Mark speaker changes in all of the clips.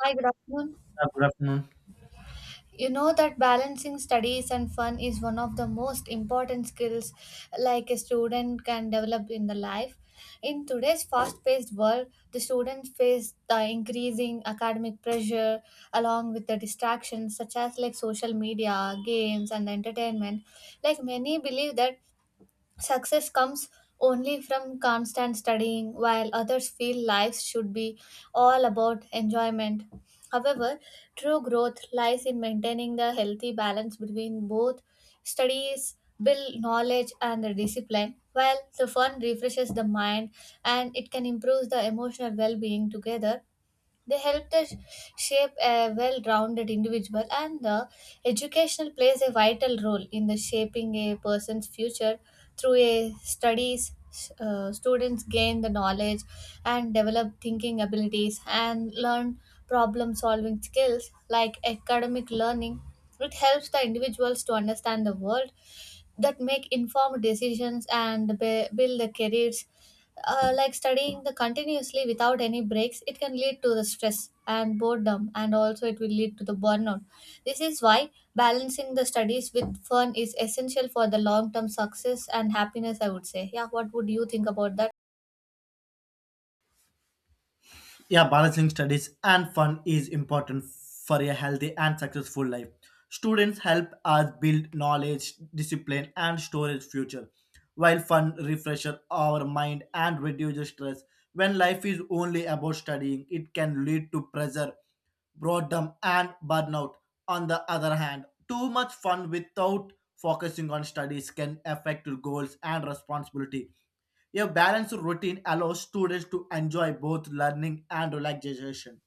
Speaker 1: Hi, good afternoon.
Speaker 2: Good afternoon.
Speaker 1: You know that balancing studies and fun is one of the most important skills like a student can develop in the life. In today's fast-paced world, the students face the increasing academic pressure along with the distractions such as like social media, games and entertainment. Like many believe that success comes only from constant studying, while others feel life should be all about enjoyment. However, true growth lies in maintaining the healthy balance between both studies, build knowledge, and the discipline, while the fun refreshes the mind and it can improve the emotional well being. Together they help us shape a well rounded individual, and the educational plays a vital role in the shaping a person's future through a studies. Students gain the knowledge and develop thinking abilities and learn problem solving skills like academic learning. It helps the individuals to understand the world that make informed decisions and build the careers. Like studying the continuously without any breaks, it can lead to the stress and boredom, and also it will lead to the burnout. This is why balancing the studies with fun is essential for the long term success and happiness, I would say. Yeah, what would you think about that?
Speaker 2: Yeah, balancing studies and fun is important for a healthy and successful life. Students help us build knowledge, discipline, and storage future, while fun refreshes our mind and reduces stress. When life is only about studying, it can lead to pressure, boredom, and burnout. On the other hand, too much fun without focusing on studies can affect goals and responsibility. A balanced routine allows students to enjoy both learning and relaxation.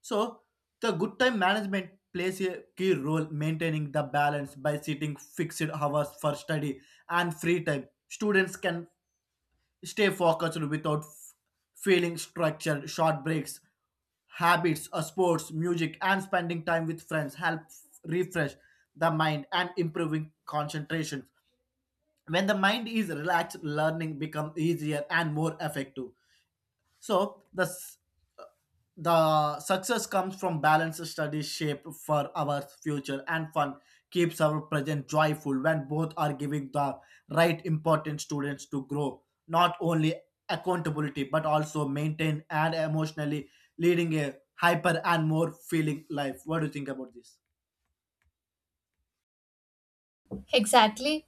Speaker 2: So, the good time management plays a key role maintaining the balance by setting fixed hours for study and free time. Students can stay focused without feeling structured. Short breaks, habits, sports, music, and spending time with friends help refresh the mind and improving concentration. When the mind is relaxed, learning becomes easier and more effective. So the success comes from balanced study shape for our future, and fun keeps our present joyful when both are giving the right important students to grow not only accountability but also maintain and emotionally leading a hyper and more feeling life. What do you think about this?
Speaker 1: Exactly.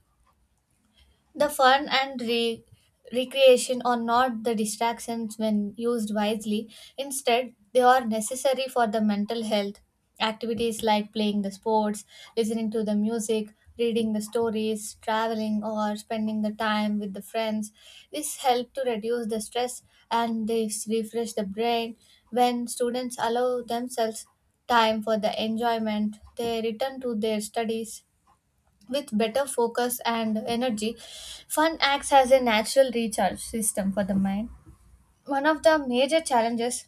Speaker 1: The fun and recreation are not the distractions when used wisely. Instead, they are necessary for the mental health. Activities like playing the sports, listening to the music, reading the stories, traveling, or spending the time with the friends. This help to reduce the stress and this refresh the brain. When students allow themselves time for the enjoyment, they return to their studies with better focus and energy. Fun acts as a natural recharge system for the mind. One of the major challenges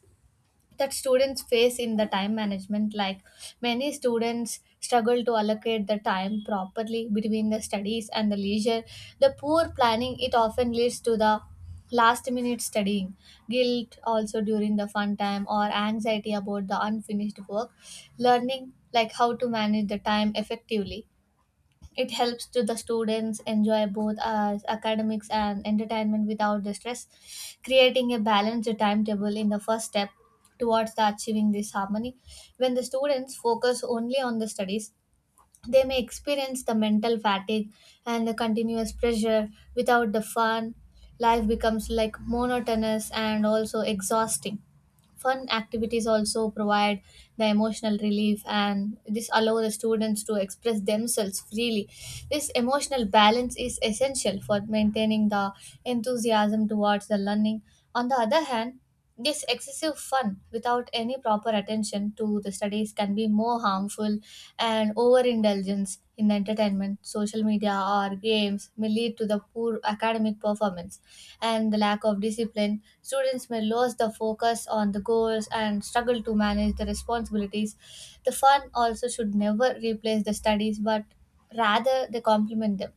Speaker 1: that students face in the time management, like many students struggle to allocate the time properly between the studies and the leisure, the poor planning it often leads to the last minute studying, guilt also during the fun time, or anxiety about the unfinished work. Learning like how to manage the time effectively, it helps to the students enjoy both academics and entertainment without the stress. Creating a balanced timetable in the first step towards the achieving this harmony. When the students focus only on the studies, they may experience the mental fatigue and the continuous pressure without the fun. Life becomes like monotonous and also exhausting. Fun activities also provide the emotional relief and this allow the students to express themselves freely. This emotional balance is essential for maintaining the enthusiasm towards the learning. On the other hand, this excessive fun without any proper attention to the studies can be more harmful, and overindulgence in entertainment, social media, or games may lead to the poor academic performance and the lack of discipline. Students may lose the focus on the goals and struggle to manage the responsibilities. The fun also should never replace the studies, but rather they complement them.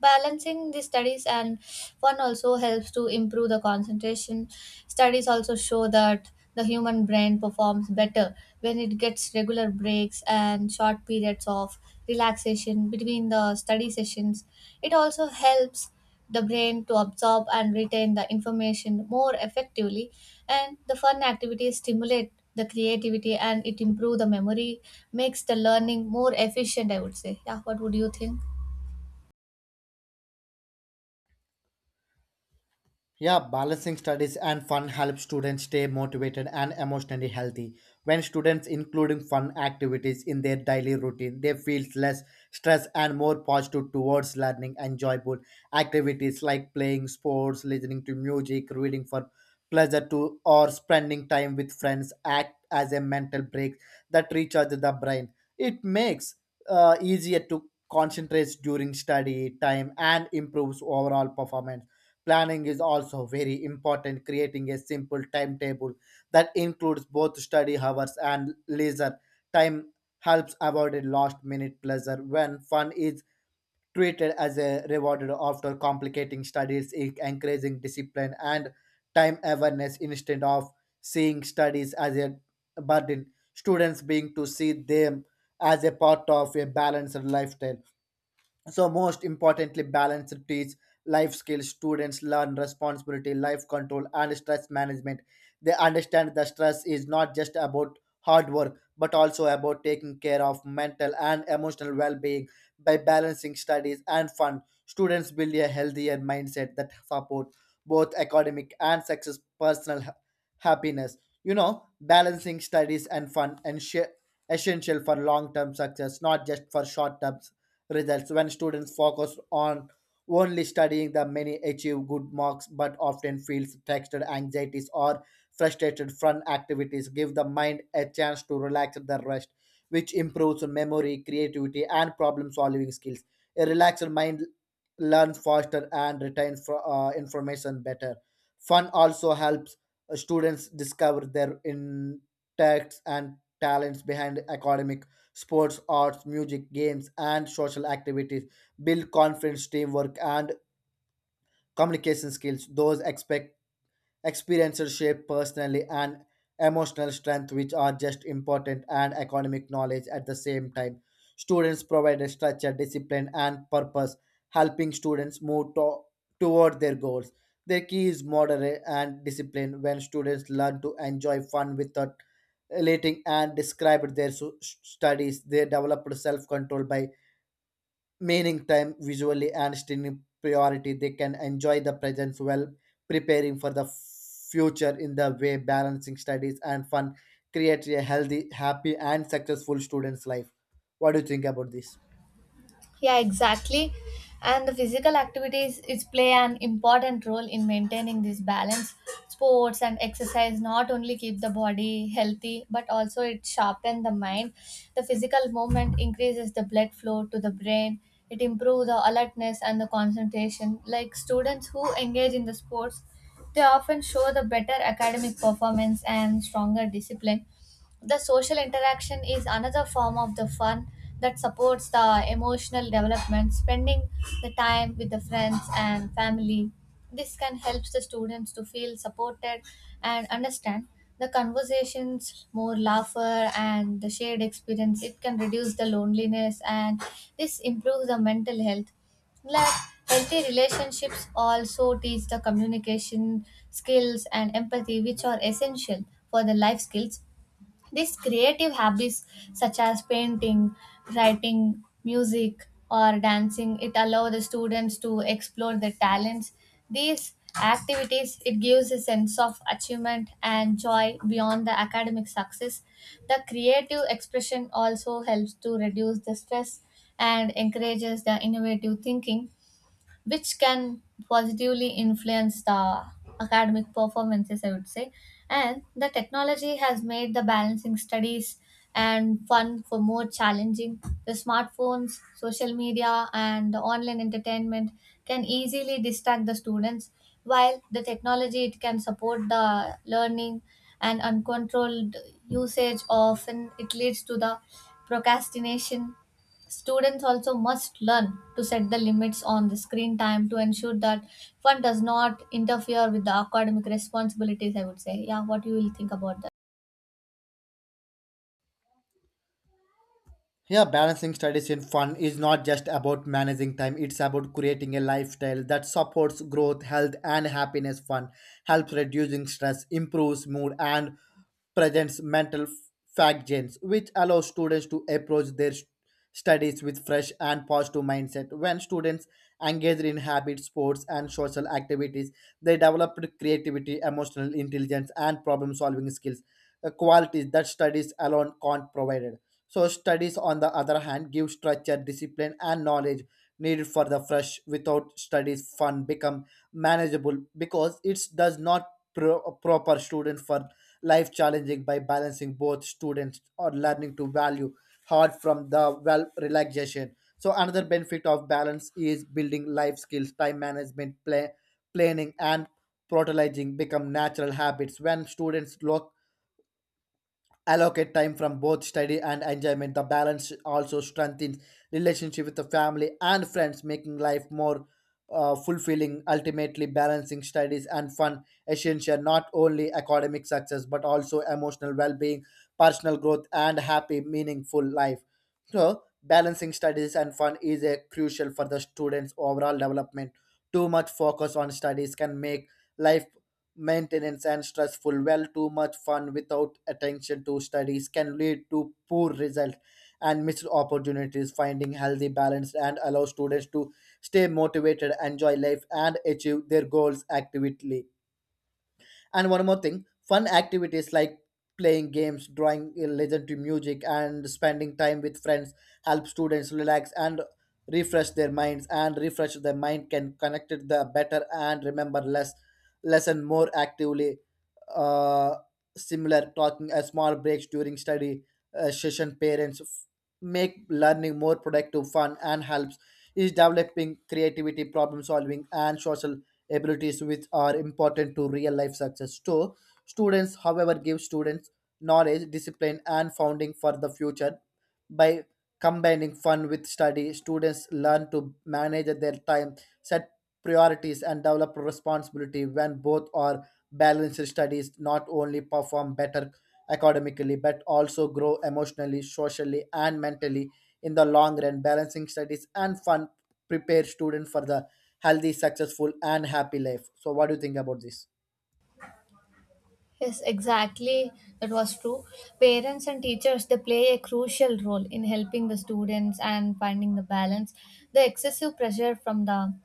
Speaker 1: Balancing the studies and fun also helps to improve the concentration. Studies also show that the human brain performs better when it gets regular breaks and short periods of relaxation between the study sessions. It also helps the brain to absorb and retain the information more effectively, and the fun activities stimulate the creativity and it improve the memory, makes the learning more efficient, I would say. Yeah, what would you think?
Speaker 2: Yeah, balancing studies and fun helps students stay motivated and emotionally healthy. When students including fun activities in their daily routine, they feel less stress and more positive towards learning. Enjoyable activities like playing sports, listening to music, reading for pleasure to or spending time with friends act as a mental break that recharges the brain. It makes, easier to concentrate during study time and improves overall performance. Planning is also very important. Creating a simple timetable that includes both study hours and leisure time helps avoid a last minute pleasure. When fun is treated as a rewarded after complicating studies, it encouraging discipline and time awareness instead of seeing studies as a burden, students being to see them as a part of a balanced lifestyle. So, most importantly, balance teach life skills. Students learn responsibility, life control, and stress management. They understand that stress is not just about hard work, but also about taking care of mental and emotional well being. By balancing studies and fun, students build a healthier mindset that support both academic and success personal happiness. You know, balancing studies and fun and essential for long term success, not just for short term results. When students focus on only studying, the many achieve good marks but often feel textured anxieties or frustrated. From activities give the mind a chance to relax and the rest, which improves memory, creativity, and problem solving skills. A relaxed mind learns faster and retains information better. Fun also helps, students discover their interests and talents behind academic. Sports, arts, music, games, and social activities build confidence, teamwork, and communication skills. Those expect experiences shape personality and emotional strength, which are just important and economic knowledge at the same time. Students provide a structure, discipline, and purpose, helping students move toward their goals. The key is moderate and discipline. When students learn to enjoy fun without relating and described their studies, they developed self control by meaning time visually and streaming priority. They can enjoy the present while preparing for the future. In the way balancing studies and fun creates a healthy, happy, and successful student's life. What do you think about this?
Speaker 1: Yeah, exactly. And the physical activities is play an important role in maintaining this balance. Sports and exercise not only keep the body healthy but also it sharpen the mind. The physical movement increases the blood flow to the brain. It improves the alertness and the concentration. Like students who engage in the sports, they often show the better academic performance and stronger discipline. The social interaction is another form of the fun that supports the emotional development. Spending the time with the friends and family, this can help the students to feel supported and understand the conversations more. Laughter and the shared experience, it can reduce the loneliness and this improves the mental health. Like healthy relationships also teach the communication skills and empathy which are essential for the life skills. These creative habits, such as painting, writing, music, or dancing, it allow the students to explore their talents. These activities it gives a sense of achievement and joy beyond the academic success. The creative expression also helps to reduce the stress and encourages the innovative thinking which can positively influence the academic performances, I would say. And the technology has made the balancing studies and fun for more challenging. The smartphones, social media, and the online entertainment can easily distract the students, while the technology it can support the learning, and uncontrolled usage often it leads to the procrastination. Students also must learn to set the limits on the screen time to ensure that one does not interfere with the academic responsibilities, I would say. Yeah, what you will think about that?
Speaker 2: Yeah, balancing studies and fun is not just about managing time. It's about creating a lifestyle that supports growth, health, and happiness. Fun helps reducing stress, improves mood, and presents mental fact gains, which allows students to approach their studies with fresh and positive mindset. When students engage in habits, sports, and social activities, they develop creativity, emotional intelligence, and problem-solving skills, qualities that studies alone can't provide. So studies, on the other hand, give structure, discipline, and knowledge needed for the fresh. Without studies, fun become manageable because it does not proper student for life challenging by balancing both students or learning to value hard from the well relaxation. So another benefit of balance is building life skills. Time management, play, planning, and prioritizing become natural habits when students look allocate time from both study and enjoyment. The balance also strengthens relationship with the family and friends, making life more, fulfilling. Ultimately, balancing studies and fun essential not only academic success but also emotional well-being, personal growth, and happy, meaningful life. So, balancing studies and fun is a crucial for the students' overall development. Too much focus on studies can make life maintenance and stressful. Well, too much fun without attention to studies can lead to poor results and missed opportunities. Finding healthy balance and allow students to stay motivated, enjoy life, and achieve their goals actively. And one more thing, fun activities like playing games, drawing a legend to music, and spending time with friends help students relax and refresh their minds. And refresh their mind can connect it the better and remember less lesson more actively. Uh, Similar talking a small breaks during study, session parents make learning more productive. Fun and helps is developing creativity, problem solving, and social abilities, which are important to real life success too. Students, however, give students knowledge, discipline, and founding for the future. By combining fun with study, students learn to manage their time, set priorities, and develop responsibility. When both are balanced, studies not only perform better academically but also grow emotionally, socially, and mentally. In the long run, balancing studies and fun prepare students for the healthy, successful, and happy life. So, what do you think about this?
Speaker 1: Yes, exactly. That was true. Parents and teachers they play a crucial role in helping the students and finding the balance. The excessive pressure from the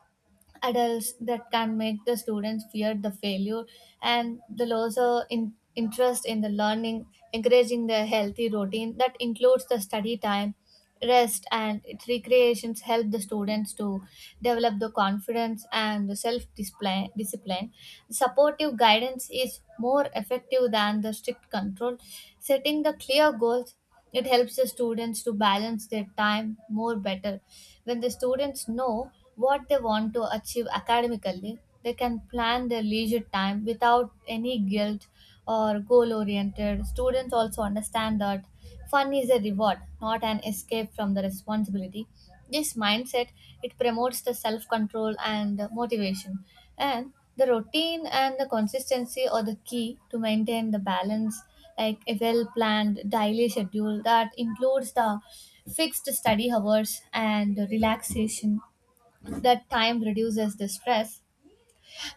Speaker 1: adults that can make the students fear the failure and the loss of interest in the learning. Encouraging the healthy routine that includes the study time, rest, and its recreations help the students to develop the confidence and the self discipline. Supportive guidance is more effective than the strict control. Setting the clear goals, it helps the students to balance their time more better. When the students know what they want to achieve academically, they can plan their leisure time without any guilt or goal oriented. Students also understand that fun is a reward, not an escape from the responsibility. This mindset it promotes the self control and motivation, and the routine and the consistency are the key to maintain the balance. Like a well planned daily schedule that includes the fixed study hours and relaxation, that time reduces the stress.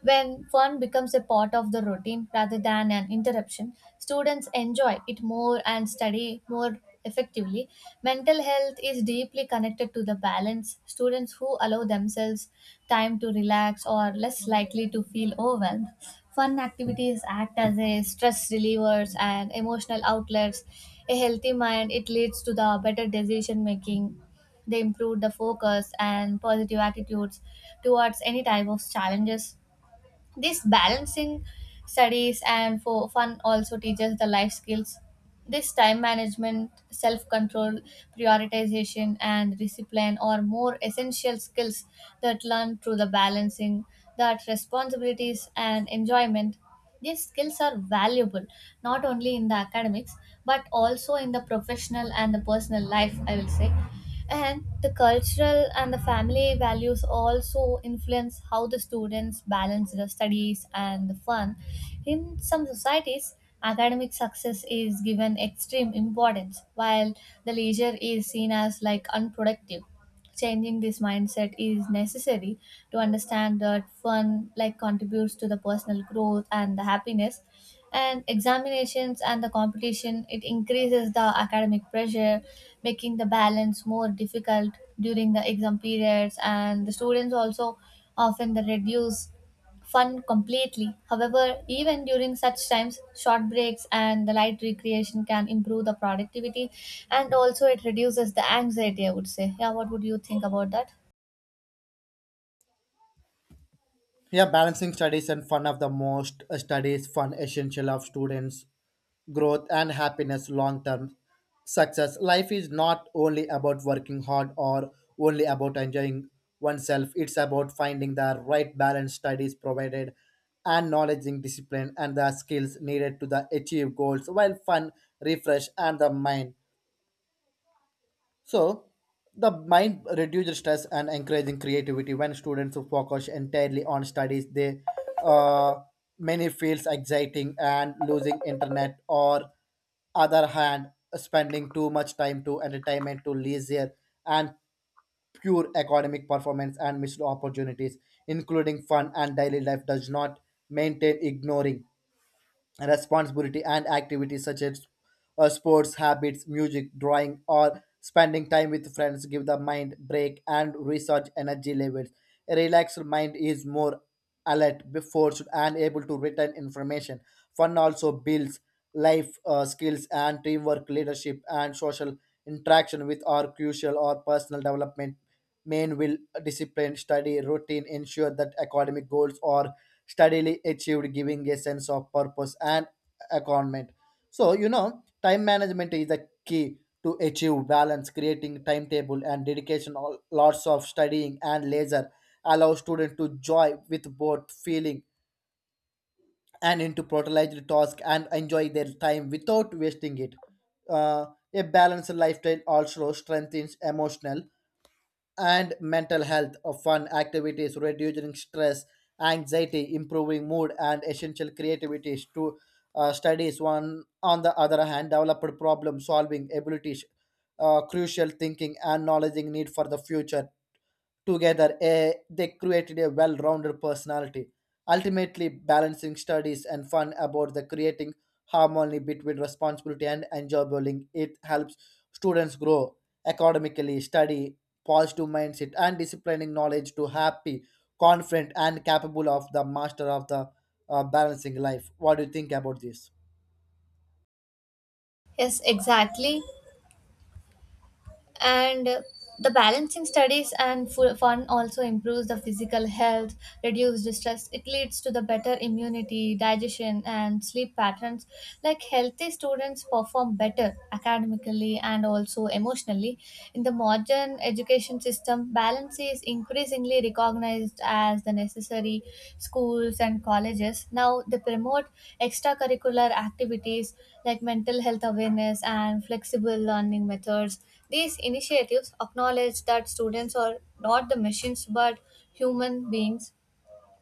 Speaker 1: When fun becomes a part of the routine rather than an interruption, students enjoy it more and study more effectively. Mental health is deeply connected to the balance. Students who allow themselves time to relax are less likely to feel overwhelmed. Fun activities act as a stress relievers and emotional outlets. A healthy mind it leads to the better decision making. They improve the focus and positive attitudes towards any type of challenges. This balancing studies and for fun also teaches the life skills. This time management, self control, prioritization, and discipline are more essential skills that learn through the balancing that responsibilities and enjoyment. These skills are valuable not only in the academics but also in the professional and the personal life, I will say. And the cultural and the family values also influence how the students balance the studies and the fun. In some societies, academic success is given extreme importance, while the leisure is seen as like unproductive. Changing this mindset is necessary to understand that fun like contributes to the personal growth and the happiness. And examinations and the competition it increases the academic pressure, making the balance more difficult during the exam periods. And the students also often the reduce fun completely. However, even during such times, short breaks and the light recreation can improve the productivity and also it reduces the anxiety, I would say. Yeah, what would you think about that?
Speaker 2: Yeah, balancing studies and fun of the most, studies fun essential of students growth and happiness long term success. Life is not only about working hard or only about enjoying oneself. It's about finding the right balance. Studies provided and knowledge in discipline and the skills needed to the achieve goals, while fun refresh and the mind. So, the mind reduces stress and encouraging creativity when students focus entirely on studies. They uh, Many feels exciting and losing internet or other hand spending too much time to entertainment to leisure and pure academic performance and missed opportunities. Including fun and daily life does not maintain ignoring responsibility and activities such as, sports, habits, music, drawing, or spending time with friends give the mind break and recharge energy levels. A relaxed mind is more alert, forced, and able to retain information. Fun also builds life, skills, and teamwork, leadership, and social interaction with are crucial or personal development. Main will discipline study routine ensure that academic goals are steadily achieved, giving a sense of purpose and accompaniment. So, you know, time management is the key to achieve balance. Creating timetable and dedication, all, lots of studying and leisure allow students to joy with both feeling and into prioritized task and enjoy their time without wasting it. Uh, a balanced lifestyle also strengthens emotional and mental health of fun activities reducing stress, anxiety, improving mood, and essential creativity to, studies one on the other hand developed problem solving abilities, crucial thinking and knowledge need for the future. Together, they created a well rounded personality. Ultimately balancing studies and fun about the creating harmony between responsibility and enjoyability. It helps students grow academically, study, positive mindset, and disciplining knowledge to happy, confident, and capable of the master of the, balancing life. What do you think about this?
Speaker 1: Yes, exactly. and The balancing studies and fun also improves the physical health, reduce stress. It leads to the better immunity, digestion and sleep patterns. Like healthy students perform better academically and also emotionally. In the modern education system, balance is increasingly recognized as the necessary. Schools and colleges now they promote extracurricular activities like mental health awareness and flexible learning methods. These initiatives acknowledge that students are not the machines but human beings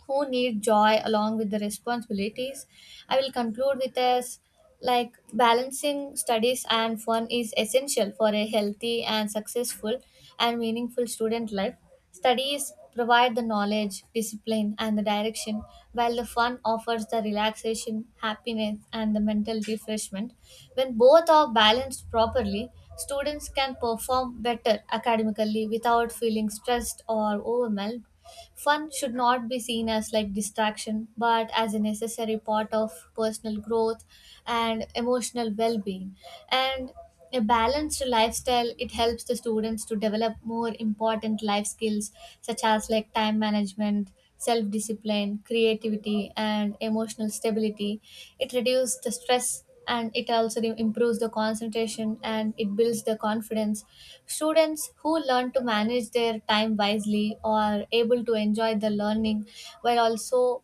Speaker 1: who need joy along with the responsibilities. I will conclude with as like balancing studies and fun is essential for a healthy and successful and meaningful student life. Studies provide the knowledge, discipline, and the direction, while the fun offers the relaxation, happiness, and the mental refreshment. When both are balanced properly, students can perform better academically without feeling stressed or overwhelmed. Fun should not be seen as like distraction, but as a necessary part of personal growth and emotional well-being. And a balanced lifestyle it helps the students to develop more important life skills such as like time management, self discipline, creativity and emotional stability. It reduces the stress and it also improves the concentration and it builds the confidence. Students who learn to manage their time wisely are able to enjoy the learning while also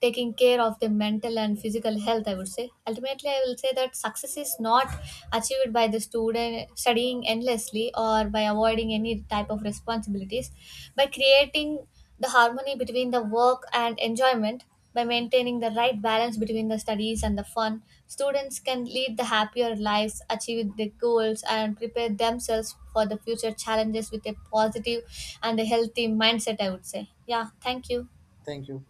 Speaker 1: taking care of their mental and physical health, I would say. Ultimately, I will say that success is not achieved by the student studying endlessly or by avoiding any type of responsibilities, by creating the harmony between the work and enjoyment, by maintaining the right balance between the studies and the fun. Students can lead the happier lives, achieve their goals and prepare themselves for the future challenges with a positive and a healthy mindset, I would say. Yeah, thank you.
Speaker 2: Thank you.